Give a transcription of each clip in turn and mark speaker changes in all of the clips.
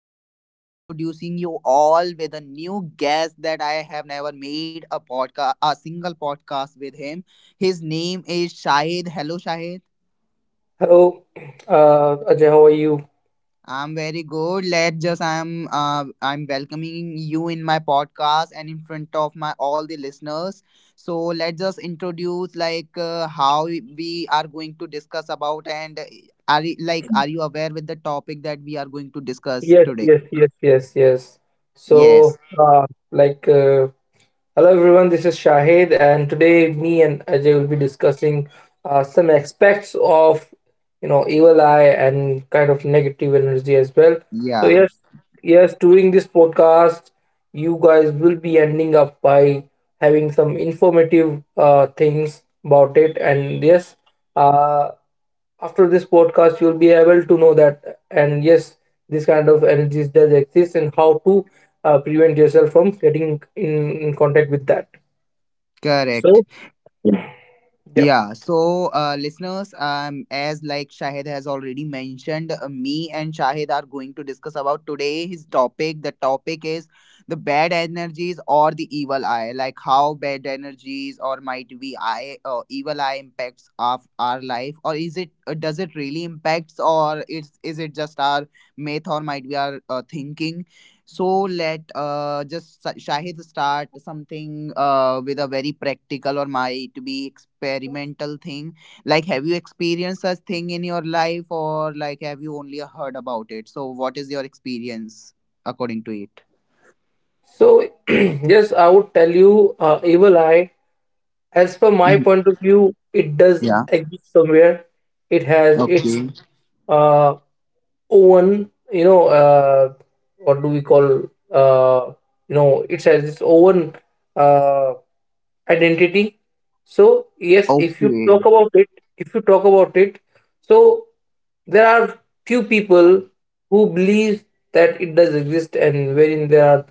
Speaker 1: now I'm introducing you all with a new guest that I have never made a podcast, a single podcast with him. His name is Shahid. Hello, Shahid.
Speaker 2: Hello, Ajay, how are you?
Speaker 1: I'm very good. Let's just I'm welcoming you in my podcast and in front of my all the listeners. So let's just introduce how we are going to discuss about and are you aware with the topic that we are going to discuss
Speaker 2: Yes,
Speaker 1: today?
Speaker 2: yes, yes, yes, yes. So,
Speaker 1: Yes.
Speaker 2: uh, like, uh, Hello everyone, this is Shahid, and today me and Ajay will be discussing some aspects of, you know, evil eye and kind of negative energy as well. So,
Speaker 1: Yeah.
Speaker 2: yes, yes, during this podcast, you guys will be ending up by having some informative things about it, and yes, uh, after this podcast you'll be able to know that, and yes, this kind of energies does exist and how to prevent yourself from getting in contact with that.
Speaker 1: Correct.
Speaker 2: So, yeah,
Speaker 1: Yeah, listeners, as like Shahid has already mentioned, me and Shahid are going to discuss about today his topic. The topic is the bad energies or the evil eye, like how bad energies or might be eye or evil eye impacts of our life, or is it does it really impacts, or it's is it just our myth or might be our thinking? So let just Shahid start something with a very practical or might be experimental thing. Like, have you experienced such thing in your life, or like have you only heard about it? So, what is your experience according to it?
Speaker 2: so yes, I would tell you, evil eye, as per my
Speaker 1: Mhm.
Speaker 2: point of view, it does
Speaker 1: Yeah.
Speaker 2: exist somewhere. It has its
Speaker 1: Okay.
Speaker 2: uh own, you know, what do we call, uh you know, it has its own uh, identity. So yes, if you
Speaker 1: Okay.
Speaker 2: talk about it, if you talk about it, so there are few people who believe that it does exist, and wherein there are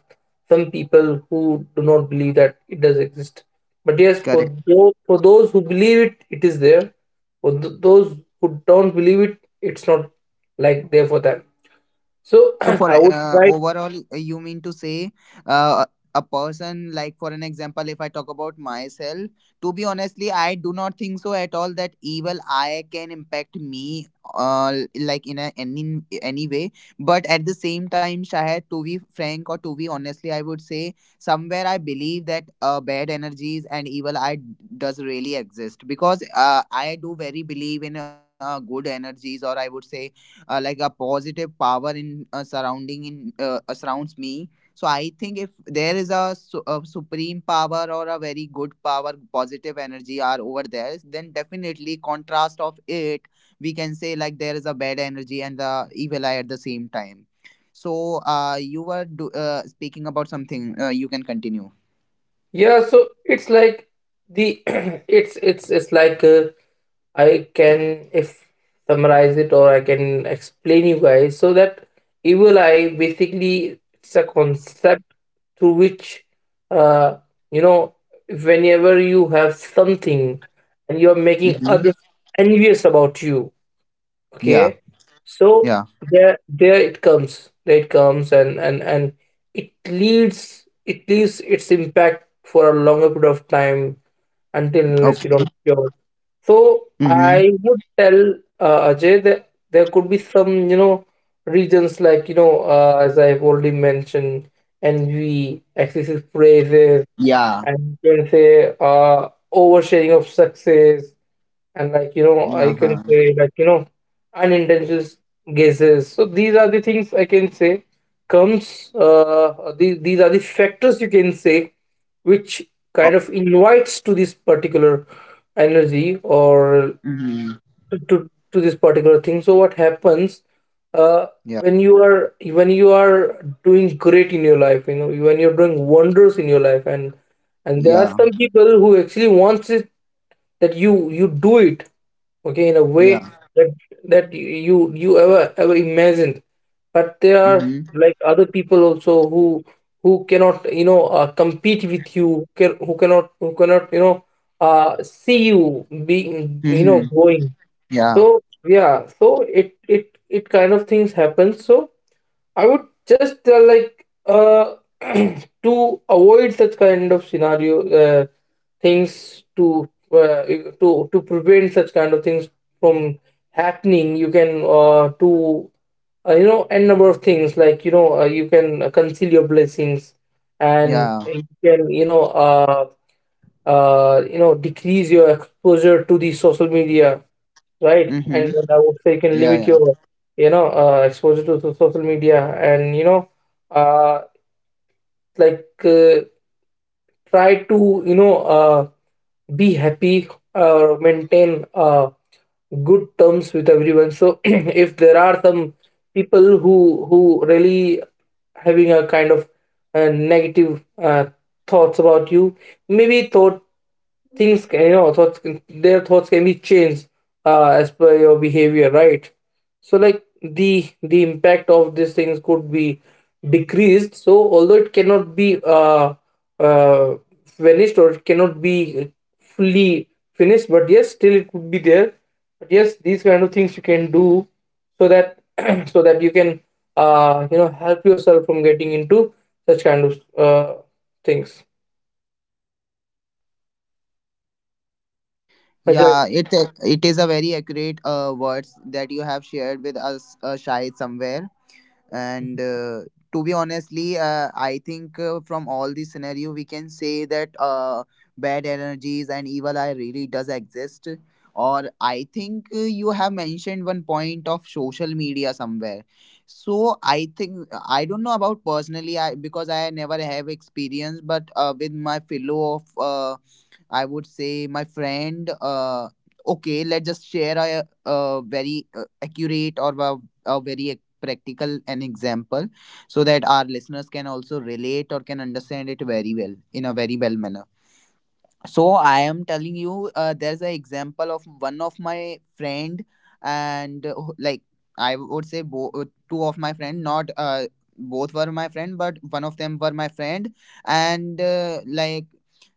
Speaker 2: some people who do not believe that it does exist. But yes,
Speaker 1: Correct.
Speaker 2: for those who believe it, it is there. For those who don't believe it, it's not like there for them. So
Speaker 1: So for
Speaker 2: I would
Speaker 1: uh,
Speaker 2: like.
Speaker 1: overall, you mean to say uh, a person like for an example, if I talk about myself, to be honestly, I do not think so at all that evil eye can impact me uh, like in any way. But at the same time, Shahid, to be frank or to be honestly, I would say somewhere I believe that bad energies and evil eye does really exist because I do very believe in good energies or I would say like a positive power in surrounding in surrounds me. So I think if there is a supreme power or a very good power positive energy are over there, then definitely contrast of it we can say like there is a bad energy and the evil eye at the same time. So you were speaking about something, you can continue.
Speaker 2: Yeah. So it's like the it's like. I can, if summarize it, or I can explain you guys, so that evil eye, basically it's a concept through which uh you know, whenever you have something and you're making
Speaker 1: Hmm.
Speaker 2: others envious about you.
Speaker 1: Yeah.
Speaker 2: Okay. So
Speaker 1: Yeah.
Speaker 2: there it comes. And and it leads, it leaves its impact for a longer period of time until unless you
Speaker 1: Okay.
Speaker 2: don't cure. So
Speaker 1: Hmm.
Speaker 2: I would tell Ajay that there could be some, you know, reasons, like, you know, as I've already mentioned, envy, excessive praises,
Speaker 1: Yeah.
Speaker 2: and you can say oversharing of success, and, like, you know, I
Speaker 1: Uh-huh.
Speaker 2: can say, like, you know, unintentional guesses. So these are the things I can say comes. These are the factors, you can say, which
Speaker 1: Oh.
Speaker 2: kind of invites to this particular energy, or
Speaker 1: Mhm.
Speaker 2: to this particular thing. So what happens? Uh,
Speaker 1: Yeah.
Speaker 2: when you are, when you are doing great in your life, you know, when you're doing wonders in your life, and there are
Speaker 1: Yeah.
Speaker 2: some people who actually wants it, that you do it, okay, in a
Speaker 1: Yeah.
Speaker 2: way that you, you ever, imagined. But there are,
Speaker 1: Mhm.
Speaker 2: like, other people also, who cannot, you know, compete with you, can, who cannot, you know, see you being, you know,
Speaker 1: Mhm.
Speaker 2: going.
Speaker 1: Yeah.
Speaker 2: So, yeah, so it it kind of things happen. So I would just, to avoid such kind of scenario, things, to to prevent such kind of things from happening. You can, to you know, n number of things, like, you know, you can, conceal your blessings, and
Speaker 1: Yeah.
Speaker 2: you can, you know, you know, decrease your exposure to the social media, right? And
Speaker 1: Mhm.
Speaker 2: then I would say, you can
Speaker 1: Yeah.
Speaker 2: limit
Speaker 1: Yeah.
Speaker 2: your, you know, exposure to social media, and you know, uh, like uh, try to, you know, be happy, maintain, good terms with everyone. So if there are some people who really having a kind of negative thoughts about you, maybe thought, things can, you know, their thoughts can be changed as per your behavior, right? So, like, the impact of these things could be decreased. So although it cannot be, uh, vanished, or it cannot be fully finished, but yes, still it could be there. But yes, these kind of things you can do so that so that you can, you know, help yourself from getting into such kind of uh, things, Ajay.
Speaker 1: Yeah. It is a very accurate words that you have shared with us, Shahid, somewhere. And to be honestly I think from all this scenario we can say that bad energies and evil eye really does exist. Or I think you have mentioned one point of social media somewhere. So I think I don't know about personally I because I never have experience, but with my fellow of, I would say my friend, okay, let's just share a very accurate or a very practical an example so that our listeners can also relate or can understand it very well in a very well manner. So I am telling you, there's an example of one of my friend. And I would say two of my friend, not both were my friend, but one of them were my friend. And uh, like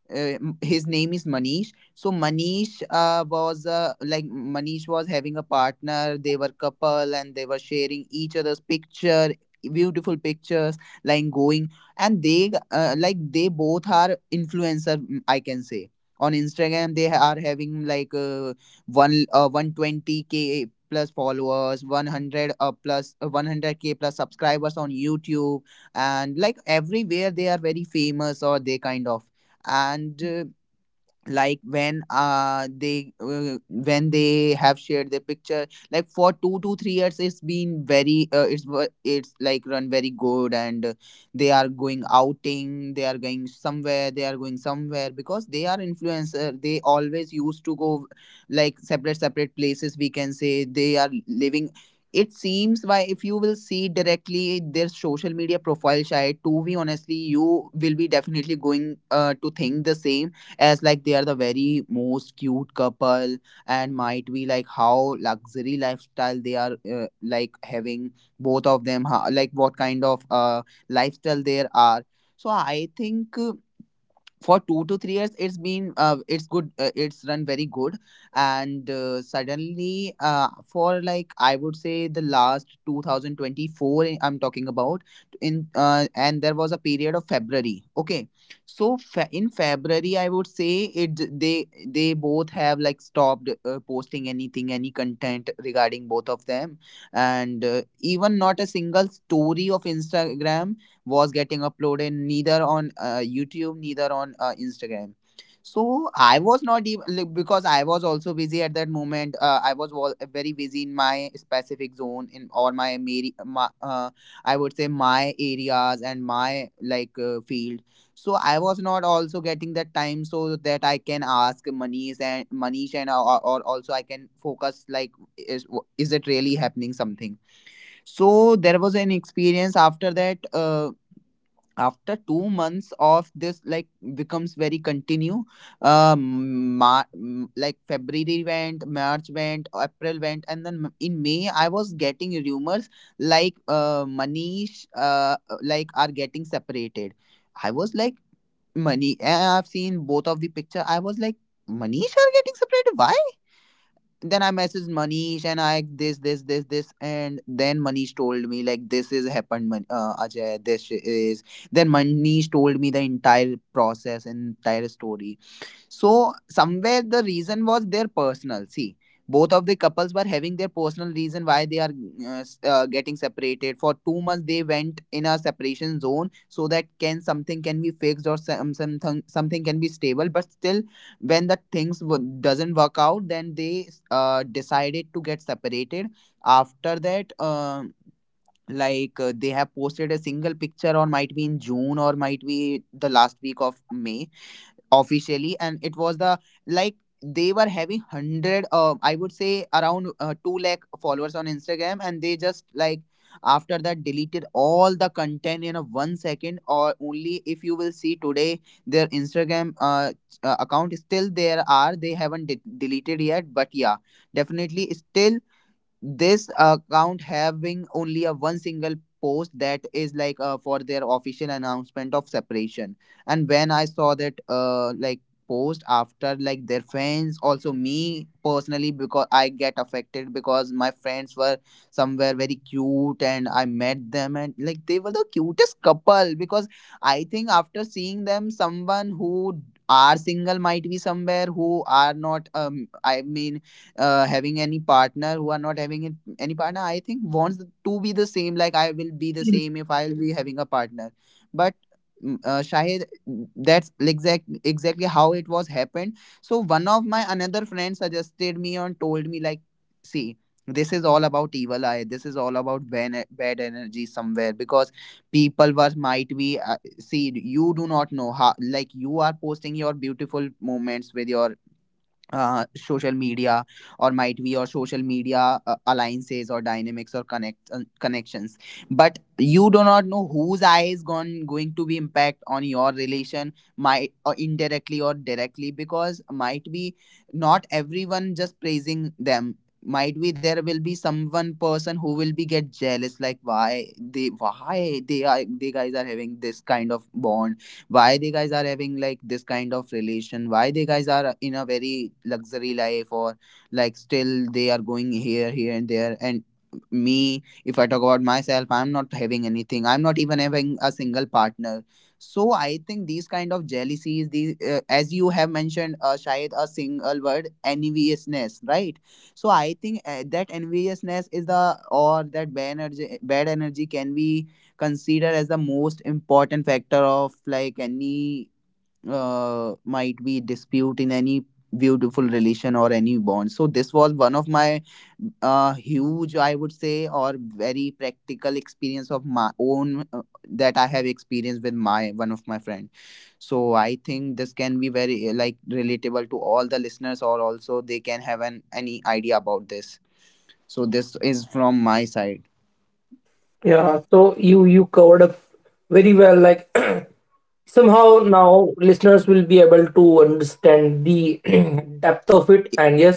Speaker 1: uh, m- his name is Manish. So Manish was having a partner. They were couple and they were sharing each other's picture, beautiful pictures, like going. And they both are influencer, mm, I can say. On Instagram they are having 120K k plus followers, 100K k plus subscribers on YouTube, and like everywhere they are very famous or they kind of. And when they have shared their picture, like for 2 to 3 years it's been very it's it's like run very good. And they are going outing, they are going somewhere, they are going somewhere because they are influencer, they always used to go like separate separate places we can say they are living. It seems why if you will see directly their social media profile, shy to be honestly, you will be definitely going to think the same, as like they are the very most cute couple and might be like how luxury lifestyle they are having, both of them, how, like what kind of lifestyle there are. So I think for 2 to 3 years it's been it's good it's run very good. And Suddenly, for like I would say the last 2024 I am talking about, in and there was a period of February, okay. So in February, I would say it they they both have like stopped posting anything, any content regarding both of them. And even not a single story of Instagram was getting uploaded, neither on YouTube, neither on Instagram. So I was not even like, because I was also busy at that moment. I was very busy in my specific zone in or my, mari- my I would say my areas and my like field. So I was not also getting that time so that I can ask Manish, or also I can focus like is is it really happening something. So there was an experience after that after 2 months of this like becomes very continue. Like February went, March went, April went, and then in May I was getting rumors like Manish like are getting separated. I was like, money, I've seen both of the picture, I was like, Manish are getting separated, why? Then I messaged Manish and I this this this this, and then Manish told me like this is happened, Ajay, this is, then Manish told me the entire process, entire story. So somewhere the reason was their personal. See, both of the couples were having their personal reason why they are getting separated. For 2 months, they went in a separation zone so that can something can be fixed or some, something something can be stable. But still, when the things doesn't work out, then they decided to get separated. After that, um, they have posted a single picture, or might be in June or might be the last week of May, officially. And it was the like they were having 100 uh, I would say around 2 lakh followers on Instagram, and they just like after that deleted all the content in a 1 second. Or only if you will see today, their Instagram account is still there, are they haven't deleted yet, but yeah, definitely still this account having only a one single post, that is like for their official announcement of separation. And when I saw that post, after like their friends also, me personally, because I get affected because my friends were somewhere very cute and I met them and like they were the cutest couple, because I think after seeing them, someone who are single, might be somewhere who are not having any partner, who are not having it, any partner, I think wants to be the same, like I will be the same if I'll be having a partner. But mm, Shahid, that's exactly how it was happened. So one of my another friend suggested me and told me like, see, this is all about evil eye, this is all about bad energy somewhere because people were might be, see, you do not know how like you are posting your beautiful moments with your social media, or might be your social media alliances or dynamics or connections. But you do not know whose eye is gone going to be impact on your relation, might or indirectly or directly, because might be not everyone just praising them, might be there will be someone person who will be get jealous like why they are they guys are having this kind of bond, why they guys are having like this kind of relation, why they guys are in a very luxury life, or like still they are going here and there. And me, if I talk about myself, I'm not having anything, I'm not even having a single partner. So I think these kind of jealousies, these as you have mentioned, shayad a single word, enviousness, right? So I think that enviousness is the, or that bad energy, bad energy, can be consider as the most important factor of like any might be dispute in any beautiful relation or any bond. So this was one of my huge, I would say, or very practical experience of my own, that I have experienced with my one of my friend. So I think this can be very like relatable to all the listeners, or also they can have an any idea about this. So this is from my side.
Speaker 2: Yeah, so you covered up very well, like, somehow now listeners will be able to understand the depth of it, and yes,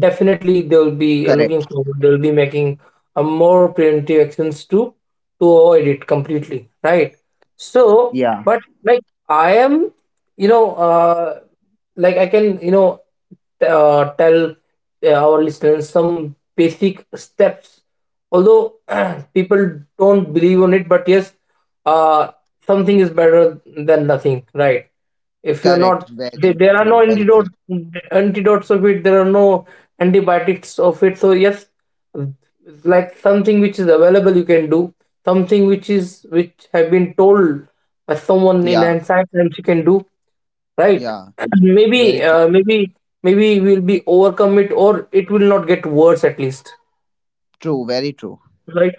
Speaker 2: definitely they'll be,
Speaker 1: Correct.
Speaker 2: looking forward, they'll be making a more preventive actions to avoid it completely, right? So,
Speaker 1: Yeah.
Speaker 2: but, like, I am, you know, I can, you know, tell, our listeners some basic steps, although people don't believe on it, but yes, uh something is better than nothing, right? If you're
Speaker 1: Correct.
Speaker 2: not,
Speaker 1: Very
Speaker 2: there are no
Speaker 1: true. Very true.
Speaker 2: antidotes of it. There are no antibiotics of it. So yes, like, something which is available, you can do, something which is, which have been told by someone in
Speaker 1: Yeah.
Speaker 2: ancient times, you can do, right?
Speaker 1: Yeah.
Speaker 2: And maybe,
Speaker 1: Very true.
Speaker 2: maybe we'll be overcome it, or it will not get worse, at least,
Speaker 1: True. Very true.
Speaker 2: like.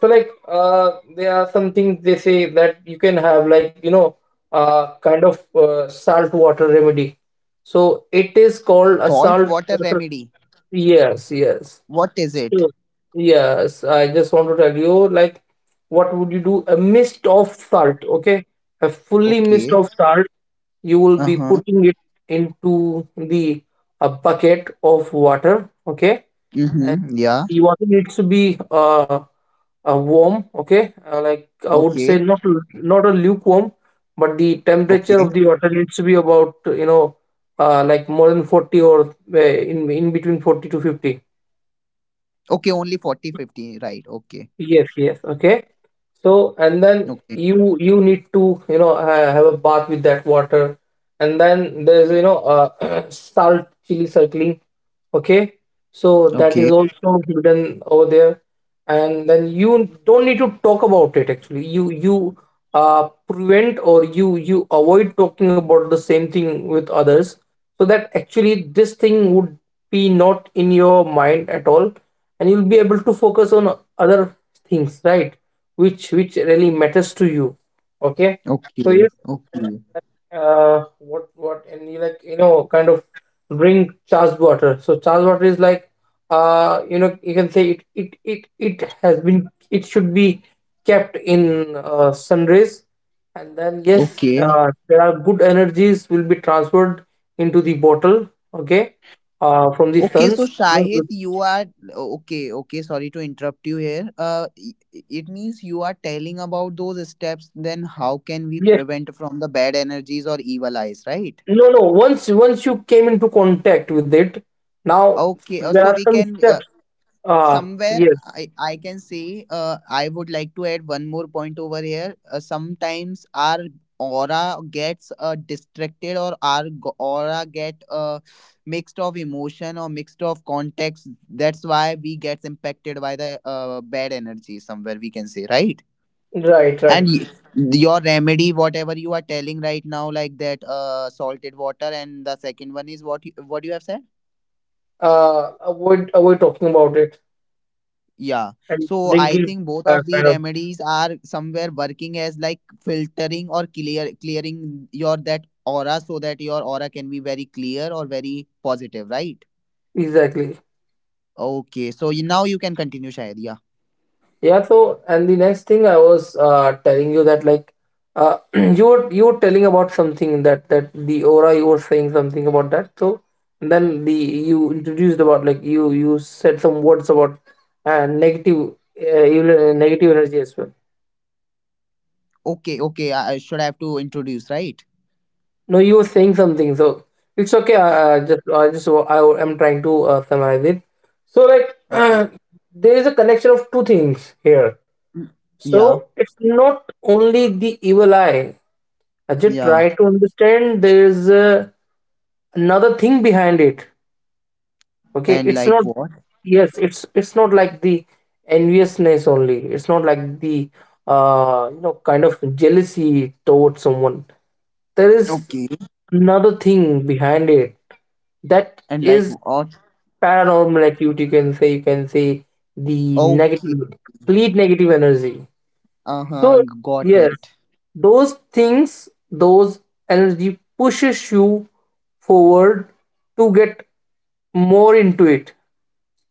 Speaker 2: So, like, there are some things, they say, that you can have, like, you know, salt water remedy. So it is called a
Speaker 1: Salt
Speaker 2: salt
Speaker 1: water
Speaker 2: water.
Speaker 1: remedy.
Speaker 2: Yes, yes.
Speaker 1: What is it?
Speaker 2: So yes, I just want to tell you, like, what would you do, a mist of salt, okay, a fully mist
Speaker 1: Okay.
Speaker 2: of salt. You will
Speaker 1: Uh
Speaker 2: be
Speaker 1: huh.
Speaker 2: putting it into the a bucket of water, okay.
Speaker 1: Mm-hmm. Yeah.
Speaker 2: The water needs to be, warm, okay? Like, I would say,
Speaker 1: Okay.
Speaker 2: not not a lukewarm, but the temperature
Speaker 1: Okay.
Speaker 2: of the water needs to be about, you know, like, more than 40, or in between 40 to 50.
Speaker 1: Okay. Only 40-50. Right. Okay.
Speaker 2: Yes, yes. Okay. So, and then
Speaker 1: Okay.
Speaker 2: you need to, you know, ha have a bath with that water, and then there's, you know, salt chili circling. Okay. So that is
Speaker 1: Okay.
Speaker 2: also hidden over there, and then you don't need to talk about it actually. You prevent, or you avoid talking about the same thing with others, so that actually this thing would be not in your mind at all, and you'll be able to focus on other things, right, which really matters to you, okay. So
Speaker 1: Okay.
Speaker 2: yes,
Speaker 1: Okay.
Speaker 2: what and you, like, you know, kind of drink charged water. So charged water is like, you know, you can say, it has been, it should be kept in, sun rays, and then yes,
Speaker 1: Okay.
Speaker 2: there are good energies will be transferred into the bottle, okay, from the
Speaker 1: Okay. So,
Speaker 2: suns.
Speaker 1: Shahid, you are. Okay. Okay. Sorry to interrupt you here. It means you are telling about those steps. Then, how can we
Speaker 2: Yes.
Speaker 1: prevent from the bad energies or evil eyes, right?
Speaker 2: no no Once, once you came into contact with it, now
Speaker 1: Okay,
Speaker 2: there
Speaker 1: so
Speaker 2: are
Speaker 1: we
Speaker 2: some
Speaker 1: can
Speaker 2: steps, uh
Speaker 1: somewhere
Speaker 2: yes.
Speaker 1: I can say I would like to add one more point over here. Sometimes our aura gets distracted, or our aura get mixed of emotion or mixed of context. That's why we get impacted by the bad energy somewhere, we can say, right?
Speaker 2: Right,
Speaker 1: And
Speaker 2: right.
Speaker 1: y- your remedy, whatever you are telling right now, like that salted water, and the second one is what you have said.
Speaker 2: Avoid, talking about it,
Speaker 1: Yeah.
Speaker 2: and
Speaker 1: So
Speaker 2: bring
Speaker 1: I
Speaker 2: it.
Speaker 1: think both
Speaker 2: uh,
Speaker 1: of the
Speaker 2: kind of
Speaker 1: remedies are somewhere working as like filtering or clearing your that aura, so that your aura can be very clear or very positive, right?
Speaker 2: exactly.
Speaker 1: Okay. So you, now you can continue, Shahid. Yeah.
Speaker 2: Yeah, so, and the next thing I was, telling you, that, like, you were, you were telling about something, that, that the aura, you were saying something about that. So then the you introduced about, like, you said some words about uh, negative uh, you negative energy as well.
Speaker 1: Okay. Okay. I should have to introduce, right?
Speaker 2: No, you were saying something, so it's okay. I am trying to summarize it. So, like,
Speaker 1: Okay.
Speaker 2: there is a connection of two things here.
Speaker 1: Mm. Yeah.
Speaker 2: So, it's not only the evil eye. I just
Speaker 1: Yeah.
Speaker 2: try to understand. There is, another thing behind it. Okay,
Speaker 1: And
Speaker 2: it's not.
Speaker 1: like what?
Speaker 2: Yes, it's not like the enviousness only. It's not like the you know, kind of jealousy towards someone. There is
Speaker 1: Okay.
Speaker 2: another thing behind it, that
Speaker 1: And like
Speaker 2: is
Speaker 1: what?
Speaker 2: paranormal activity, you can say. The
Speaker 1: Okay.
Speaker 2: negative, complete negative energy.
Speaker 1: Uh
Speaker 2: So
Speaker 1: huh. Got
Speaker 2: yes,
Speaker 1: it.
Speaker 2: those energy pushes you forward to get more into it.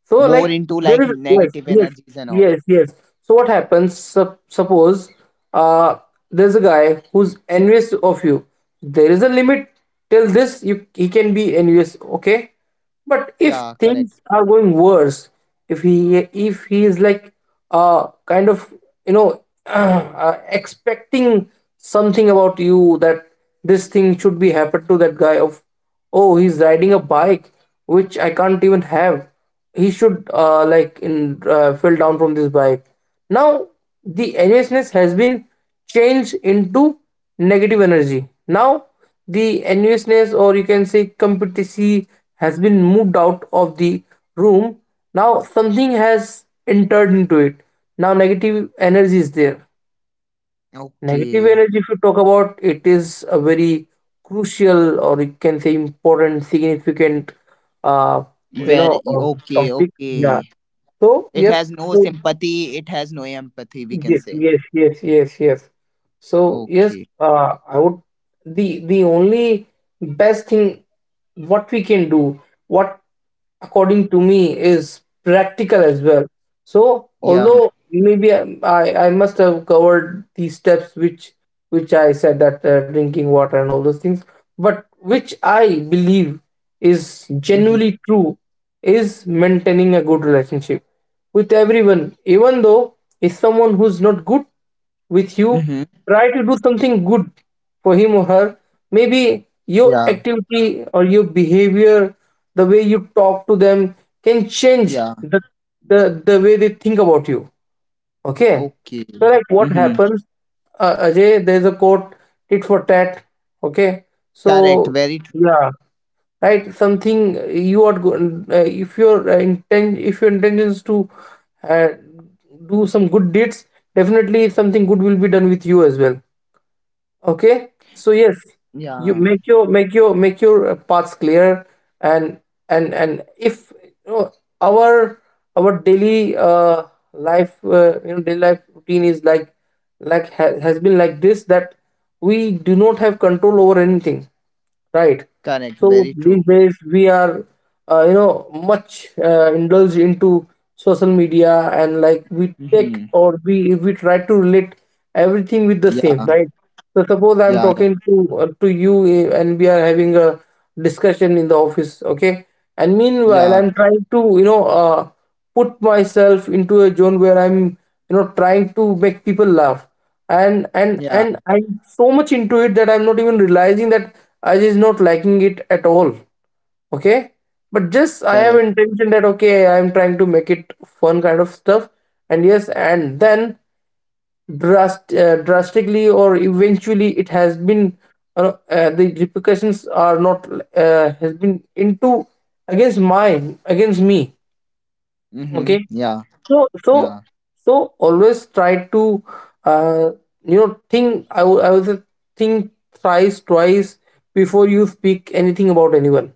Speaker 2: So,
Speaker 1: More
Speaker 2: like,
Speaker 1: into
Speaker 2: there
Speaker 1: like
Speaker 2: is, yes,
Speaker 1: negative
Speaker 2: yes,
Speaker 1: energies and all.
Speaker 2: yes, yes. So what happens? Suppose, uh, there's a guy who's envious of you. There is a limit till this you he can be envious. Okay, but if
Speaker 1: Yeah. Correct.
Speaker 2: things are going worse, if he if he is, like, uh kind of you know, expecting something about you, that this thing should be happened to that guy, of, oh, he's riding a bike which I can't even have, he should, like in fell down from this bike. Now the enviousness has been changed into negative energy. Now the enviousness, or you can say competency, has been moved out of the room. Now something has entered into it. Now negative energy is there. Negative
Speaker 1: Okay.
Speaker 2: energy, if you talk about it, is a very crucial, or you can say important, significant, uh, you know
Speaker 1: Very
Speaker 2: uh,
Speaker 1: okay,
Speaker 2: topic. Yeah.
Speaker 1: okay.
Speaker 2: So
Speaker 1: It
Speaker 2: yes,
Speaker 1: has no
Speaker 2: so
Speaker 1: sympathy. It has no empathy, we can
Speaker 2: yes,
Speaker 1: say.
Speaker 2: So yes,
Speaker 1: Okay.
Speaker 2: I would, the only best thing what we can do, what, according to me, is practical as well. So,
Speaker 1: Yeah.
Speaker 2: although maybe I must have covered these steps, which I said, that, drinking water and all those things, but which I believe is
Speaker 1: Mm-hmm.
Speaker 2: genuinely true, is maintaining a good relationship with everyone, even though is someone who's not good with you.
Speaker 1: Mm-hmm.
Speaker 2: Try to do something good for him or her. Maybe your
Speaker 1: Yeah.
Speaker 2: activity or your behavior, the way you talk to them, can change
Speaker 1: Yeah.
Speaker 2: the way they think about you. Okay.
Speaker 1: Okay.
Speaker 2: So like what
Speaker 1: Mm-hmm.
Speaker 2: happens, Ajay, there's a quote, tit for tat. Okay.
Speaker 1: Correct.
Speaker 2: So
Speaker 1: Very true.
Speaker 2: yeah, right. Something you are go If your intention is to uh, do some good deeds, definitely something good will be done with you as well. Okay, so yes, you
Speaker 1: Yeah.
Speaker 2: make your make your make your paths clear, and and if you know, our our daily life, daily life routine is like ha has been like this, that we do not have control over anything, right?
Speaker 1: Correct.
Speaker 2: So
Speaker 1: Very true.
Speaker 2: these days we are, much indulged into social media, and like we take,
Speaker 1: Mm-hmm.
Speaker 2: or we try to relate everything with the same,
Speaker 1: Yeah.
Speaker 2: right? So suppose I'm
Speaker 1: Yeah. Yeah.
Speaker 2: talking to you, and we are having a discussion in the office, okay? And meanwhile,
Speaker 1: Yeah.
Speaker 2: I'm trying to, put myself into a zone where I'm trying to make people laugh, and and
Speaker 1: Yeah.
Speaker 2: and i'm so much into it that I'm not even realizing that I just not liking it at all. Okay, but just I have
Speaker 1: Correct.
Speaker 2: intention that, okay, I'm trying to make it fun kind of stuff. And yes, and then drastically or eventually it has been, the repercussions are not, has been into against mine, against me.
Speaker 1: Mm-hmm.
Speaker 2: Okay,
Speaker 1: Yeah.
Speaker 2: so
Speaker 1: Yeah.
Speaker 2: so always try to uh, think, I would say, think thrice, twice before you speak anything about anyone.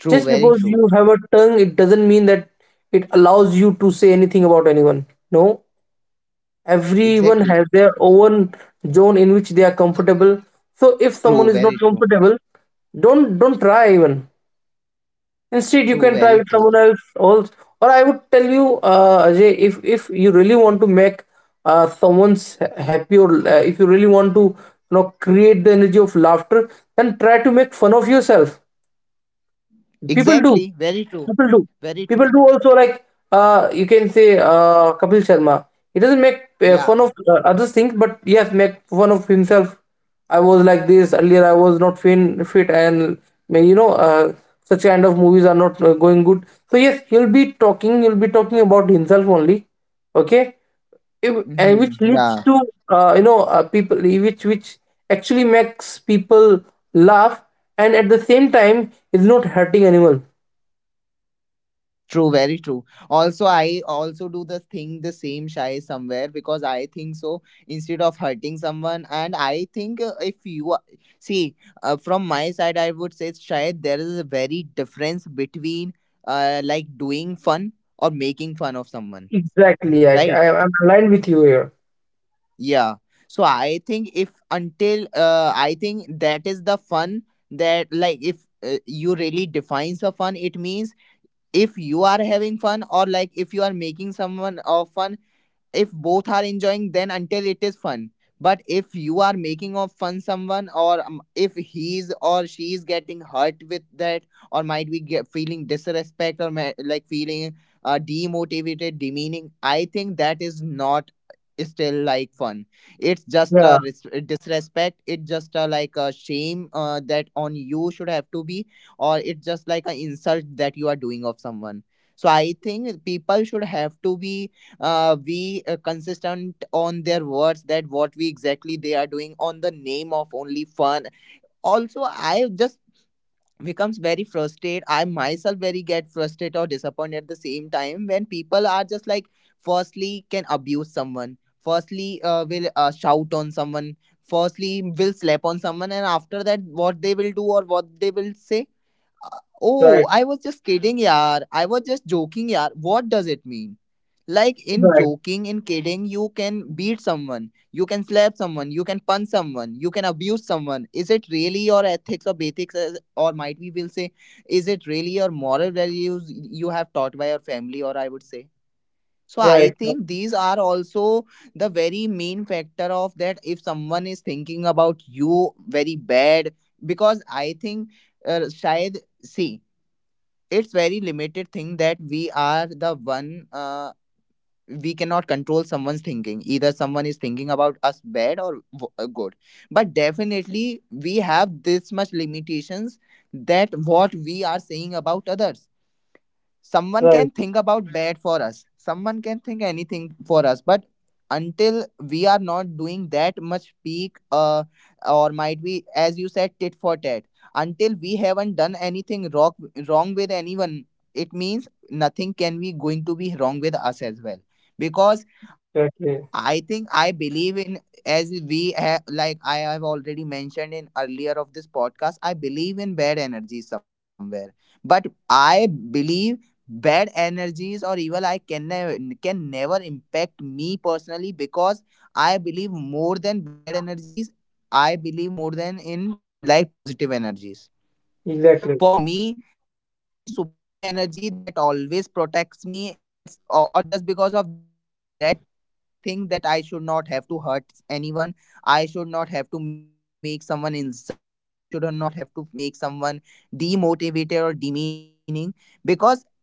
Speaker 1: True.
Speaker 2: Just
Speaker 1: Very
Speaker 2: because
Speaker 1: true.
Speaker 2: you have a tongue, it doesn't mean that it allows you to say anything about anyone. No, everyone
Speaker 1: Exactly.
Speaker 2: has their own zone in which they are comfortable. So if someone
Speaker 1: True.
Speaker 2: is not
Speaker 1: Very true.
Speaker 2: comfortable, don't try even. Instead, you
Speaker 1: True.
Speaker 2: can try
Speaker 1: Very
Speaker 2: with
Speaker 1: true.
Speaker 2: someone else also. Or I would tell you, Ajay, if you really want to make happy, or if you really want to, create the energy of laughter, then try to make fun of yourself. people do
Speaker 1: Exactly. Very true.
Speaker 2: people do
Speaker 1: Very
Speaker 2: People
Speaker 1: true.
Speaker 2: do also, like, you can say, Kapil Sharma, he doesn't make
Speaker 1: Yeah.
Speaker 2: fun of others' things, but yes, make fun of himself. I was like this earlier, I was not fin fit, and may- you know uh, such kind of movies are not going good. So yes, he'll be talking about himself only. Okay. If, and which
Speaker 1: Mm-hmm.
Speaker 2: leads
Speaker 1: Yeah.
Speaker 2: to people, which actually makes people laugh, and at the same time is not hurting anyone.
Speaker 1: True, very true. Also, I also do the thing the same shy somewhere, because I think so, instead of hurting someone. And I think if you are- see from my side, I would say shy. There is a very difference between like doing fun or making fun of someone,
Speaker 2: Exactly. i,
Speaker 1: right?
Speaker 2: I i'm aligned with you here.
Speaker 1: Yeah. So I think, if until I think that is the fun, that like if you really defines a fun, it means if you are having fun, or like if you are making someone of fun, if both are enjoying, then until it is fun. But if you are making of fun someone, or if he's or she is getting hurt with that, or might be get feeling disrespect, or like feeling demotivated, demeaning, I think that is not still like fun. It's just
Speaker 2: Yeah,
Speaker 1: a disrespect, it's just a like a shame, that on you should have to be, or it's just like an insult that you are doing of someone. So I think people should have to be we consistent on their words, that what we exactly they are doing on the name of only fun. Also, I just becomes very frustrated, I myself very get frustrated or disappointed at the same time, when people are just like firstly can abuse someone, firstly will shout on someone, firstly will slap on someone, and after that what they will do or what they will say. Oh,
Speaker 2: right,
Speaker 1: I was just kidding, yaar. I was just joking, yaar. What does it mean? Like in
Speaker 2: right,
Speaker 1: joking, in kidding, you can beat someone, you can slap someone, you can punch someone, you can abuse someone. Is it really your ethics or ethics, or might we will say, is it really your moral values you have taught by your family, or I would say? So I
Speaker 2: right,
Speaker 1: think these are also the very main factor of that, if someone is thinking about you very bad, because I think शायद, see, it's very limited thing that we are the one, we cannot control someone's thinking, either someone is thinking about us bad or good. But definitely we have this much limitations, that what we are saying about others. Someone
Speaker 2: right.
Speaker 1: can think about bad for us, someone can think anything for us, but until we are not doing that much peak, or might be, as you said, tit for tat, until we haven't done anything wrong, wrong with anyone, it means nothing can be going to be wrong with us as well. Because
Speaker 2: Exactly,
Speaker 1: I think I believe in, as we have like I have already mentioned in earlier of this podcast, I believe in bad energy somewhere, but I believe bad energies or evil I can never, can never impact me personally, because I believe more than bad energies, I believe more than in like positive energies.
Speaker 2: exactly.
Speaker 1: For me, there is a very supreme energy that always protects me, that's or just because of that energy I always think that I should not have to hurt anyone, I should not have to make someone insulted, I should not have to make someone demotivated or demeaning, because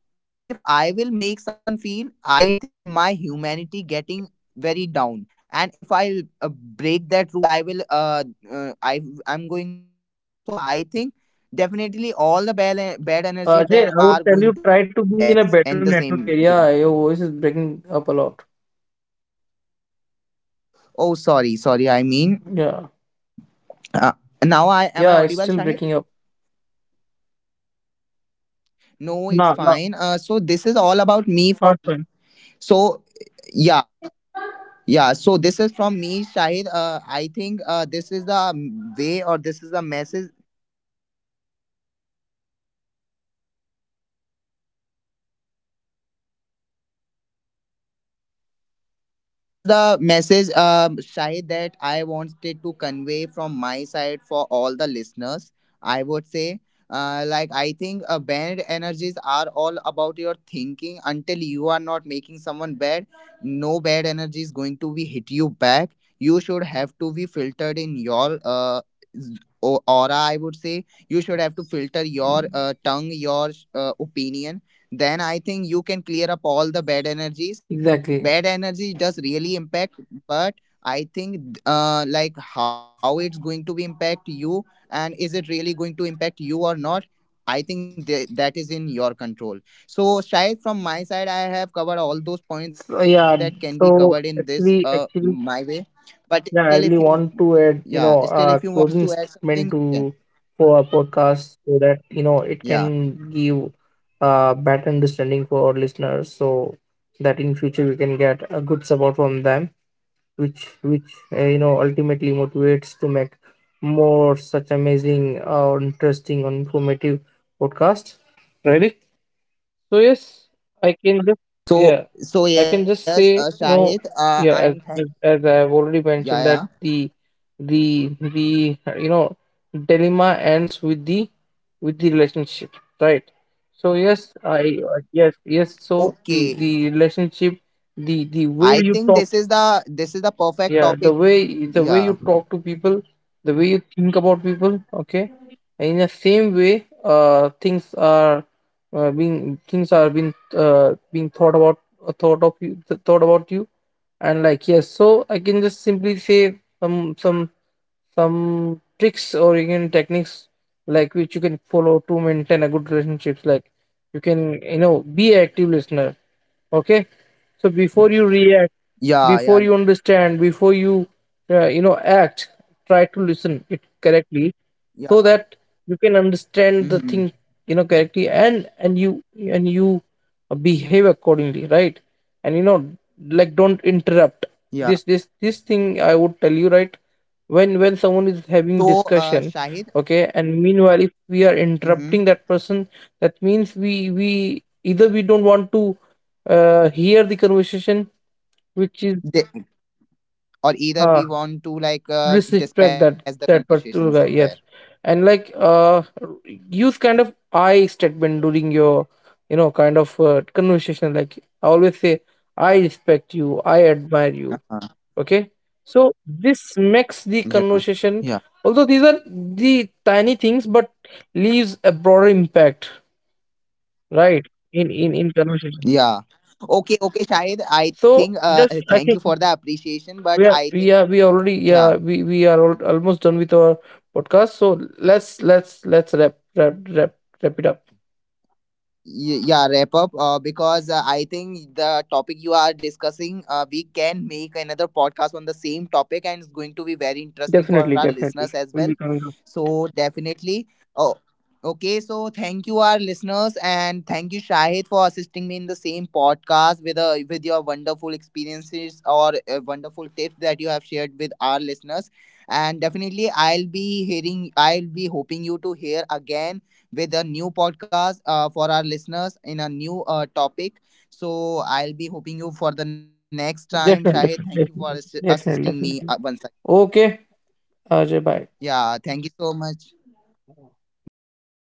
Speaker 1: if I will make someone feel, I think my humanity getting very down. And if I break that rule, I will uh i I'm going to do that. So I think definitely all the bad energy
Speaker 2: Jay,
Speaker 1: then
Speaker 2: I would
Speaker 1: are
Speaker 2: tell
Speaker 1: going
Speaker 2: you,
Speaker 1: to be
Speaker 2: try
Speaker 1: hit me
Speaker 2: to be in
Speaker 1: back
Speaker 2: a better
Speaker 1: in the
Speaker 2: network
Speaker 1: same way.
Speaker 2: area. Your voice is breaking up a lot.
Speaker 1: Oh, sorry, sorry, I mean,
Speaker 2: Yeah,
Speaker 1: uh, now I am, I audible,
Speaker 2: yeah,
Speaker 1: Shahid?
Speaker 2: it's still breaking up.
Speaker 1: No, it's
Speaker 2: No,
Speaker 1: fine.
Speaker 2: no,
Speaker 1: Uh, so this is all about me for,
Speaker 2: not fine.
Speaker 1: so yeah. Yeah, so this is from me, Shahid. I think this is the way, or this is the message. So this is the message, Shahid, that I wanted to convey from my side for all the listeners. I would say, like I think bad energies are all about your thinking. Until you are not making someone bad, no bad energy is going to be hit you back. You should have to be filtered in your z- aura. I would say, you should have to filter your tongue, your opinion. Then I think you can clear up all the bad energies. Bad
Speaker 2: Exactly.
Speaker 1: energy does really impact, but I think, like how it's going to be impact you, and is it really going to impact you or not, I think that is in your control. So shayad, from my side, I have covered all those points
Speaker 2: So
Speaker 1: that can be
Speaker 2: yeah,
Speaker 1: covered in
Speaker 2: so
Speaker 1: this
Speaker 2: actually,
Speaker 1: my
Speaker 2: actually
Speaker 1: way. But still, if
Speaker 2: yeah, I
Speaker 1: you,
Speaker 2: really want to
Speaker 1: yeah,
Speaker 2: add, you
Speaker 1: still
Speaker 2: know,
Speaker 1: if you
Speaker 2: a
Speaker 1: want to add
Speaker 2: closing
Speaker 1: something, you
Speaker 2: statement
Speaker 1: can.
Speaker 2: to for our podcast, so that, you know,
Speaker 1: Yeah,
Speaker 2: it can give a better understanding for our listeners, so that in future we can get a good support from them, which you know, ultimately motivates to make more such amazing or interesting or informative podcast. Ready? So yes, I can just, yeah,
Speaker 1: so so
Speaker 2: I can
Speaker 1: yes,
Speaker 2: just say, you
Speaker 1: Shahid,
Speaker 2: know,
Speaker 1: I am
Speaker 2: yeah, as
Speaker 1: thank,
Speaker 2: as as I have already
Speaker 1: yeah,
Speaker 2: mentioned
Speaker 1: yeah,
Speaker 2: that the you know, dilemma ends with the, with the relationship, right. So yes, I, uh, yes, so the
Speaker 1: okay.
Speaker 2: the relationship, the
Speaker 1: I
Speaker 2: the way
Speaker 1: think
Speaker 2: you
Speaker 1: this is
Speaker 2: talk,
Speaker 1: the, this is the perfect topic.
Speaker 2: yeah, the way, the
Speaker 1: Yeah.
Speaker 2: way you talk to people, the way you think about people, okay? And in the same way, things are being, being thought about thought of you th- thought about you, and like yes, so I can just simply say some, some tricks or even techniques like which you can follow to maintain a good relationships. Like, you can, you know, be an active listener. Okay, so before you react,
Speaker 1: Yeah,
Speaker 2: before
Speaker 1: yeah,
Speaker 2: you understand, before you you know, act, try to listen it correctly, so
Speaker 1: yeah.
Speaker 2: that you can understand the thing,
Speaker 1: Mm-hmm.
Speaker 2: you know, correctly, and you behave accordingly, right? And, you know, like, don't
Speaker 1: Yeah.
Speaker 2: interrupt. This thing I would tell you, right? When someone is
Speaker 1: So,
Speaker 2: having
Speaker 1: Shahid,
Speaker 2: discussion, okay, and meanwhile if we are
Speaker 1: mm-hmm,
Speaker 2: interrupting that person, that means we either we don't want to hear the conversation, which
Speaker 1: the,
Speaker 2: is
Speaker 1: or either we
Speaker 2: uh,
Speaker 1: want to like dispatch
Speaker 2: disrespect
Speaker 1: the
Speaker 2: that
Speaker 1: conversation somewhere.
Speaker 2: particular guy, yes. And like, use kind of I statement during your, you know, kind of conversation. Like, I always say, I respect you, I
Speaker 1: Uh-huh.
Speaker 2: admire you, okay? So this makes
Speaker 1: Yeah,
Speaker 2: the
Speaker 1: yeah,
Speaker 2: conversation, although these are the tiny things, but leaves a broader impact, right, in conversation.
Speaker 1: yeah. Okay, okay, Shahid, I think.
Speaker 2: So just
Speaker 1: Thank you
Speaker 2: I
Speaker 1: for
Speaker 2: think
Speaker 1: the appreciation, but
Speaker 2: we
Speaker 1: I
Speaker 2: are
Speaker 1: think.
Speaker 2: we are we already,
Speaker 1: Yeah.
Speaker 2: yeah, almost done with our podcast, so let's wrap it up.
Speaker 1: Yeah, wrap up, because I think the topic you are discussing, we can make another podcast on the same topic, and it's going to be very interesting for our
Speaker 2: definitely
Speaker 1: listeners
Speaker 2: definitely
Speaker 1: as
Speaker 2: we'll
Speaker 1: well.
Speaker 2: be coming up,
Speaker 1: So definitely. Oh, okay. So thank you, our listeners, and thank you, Shahid, for assisting me in the same podcast with your wonderful experiences or wonderful tips that you have shared with our listeners. And definitely I'll be hearing, I'll be hoping you to hear again with a new podcast, for our listeners in a new topic. So I'll be hoping you for the next time.
Speaker 2: definitely.
Speaker 1: Shahid, thank you for
Speaker 2: definitely definitely, definitely.
Speaker 1: assisting me
Speaker 2: definitely.
Speaker 1: once again.
Speaker 2: Okay. Ajay, bye.
Speaker 1: Yeah, thank you so much. Bye bye.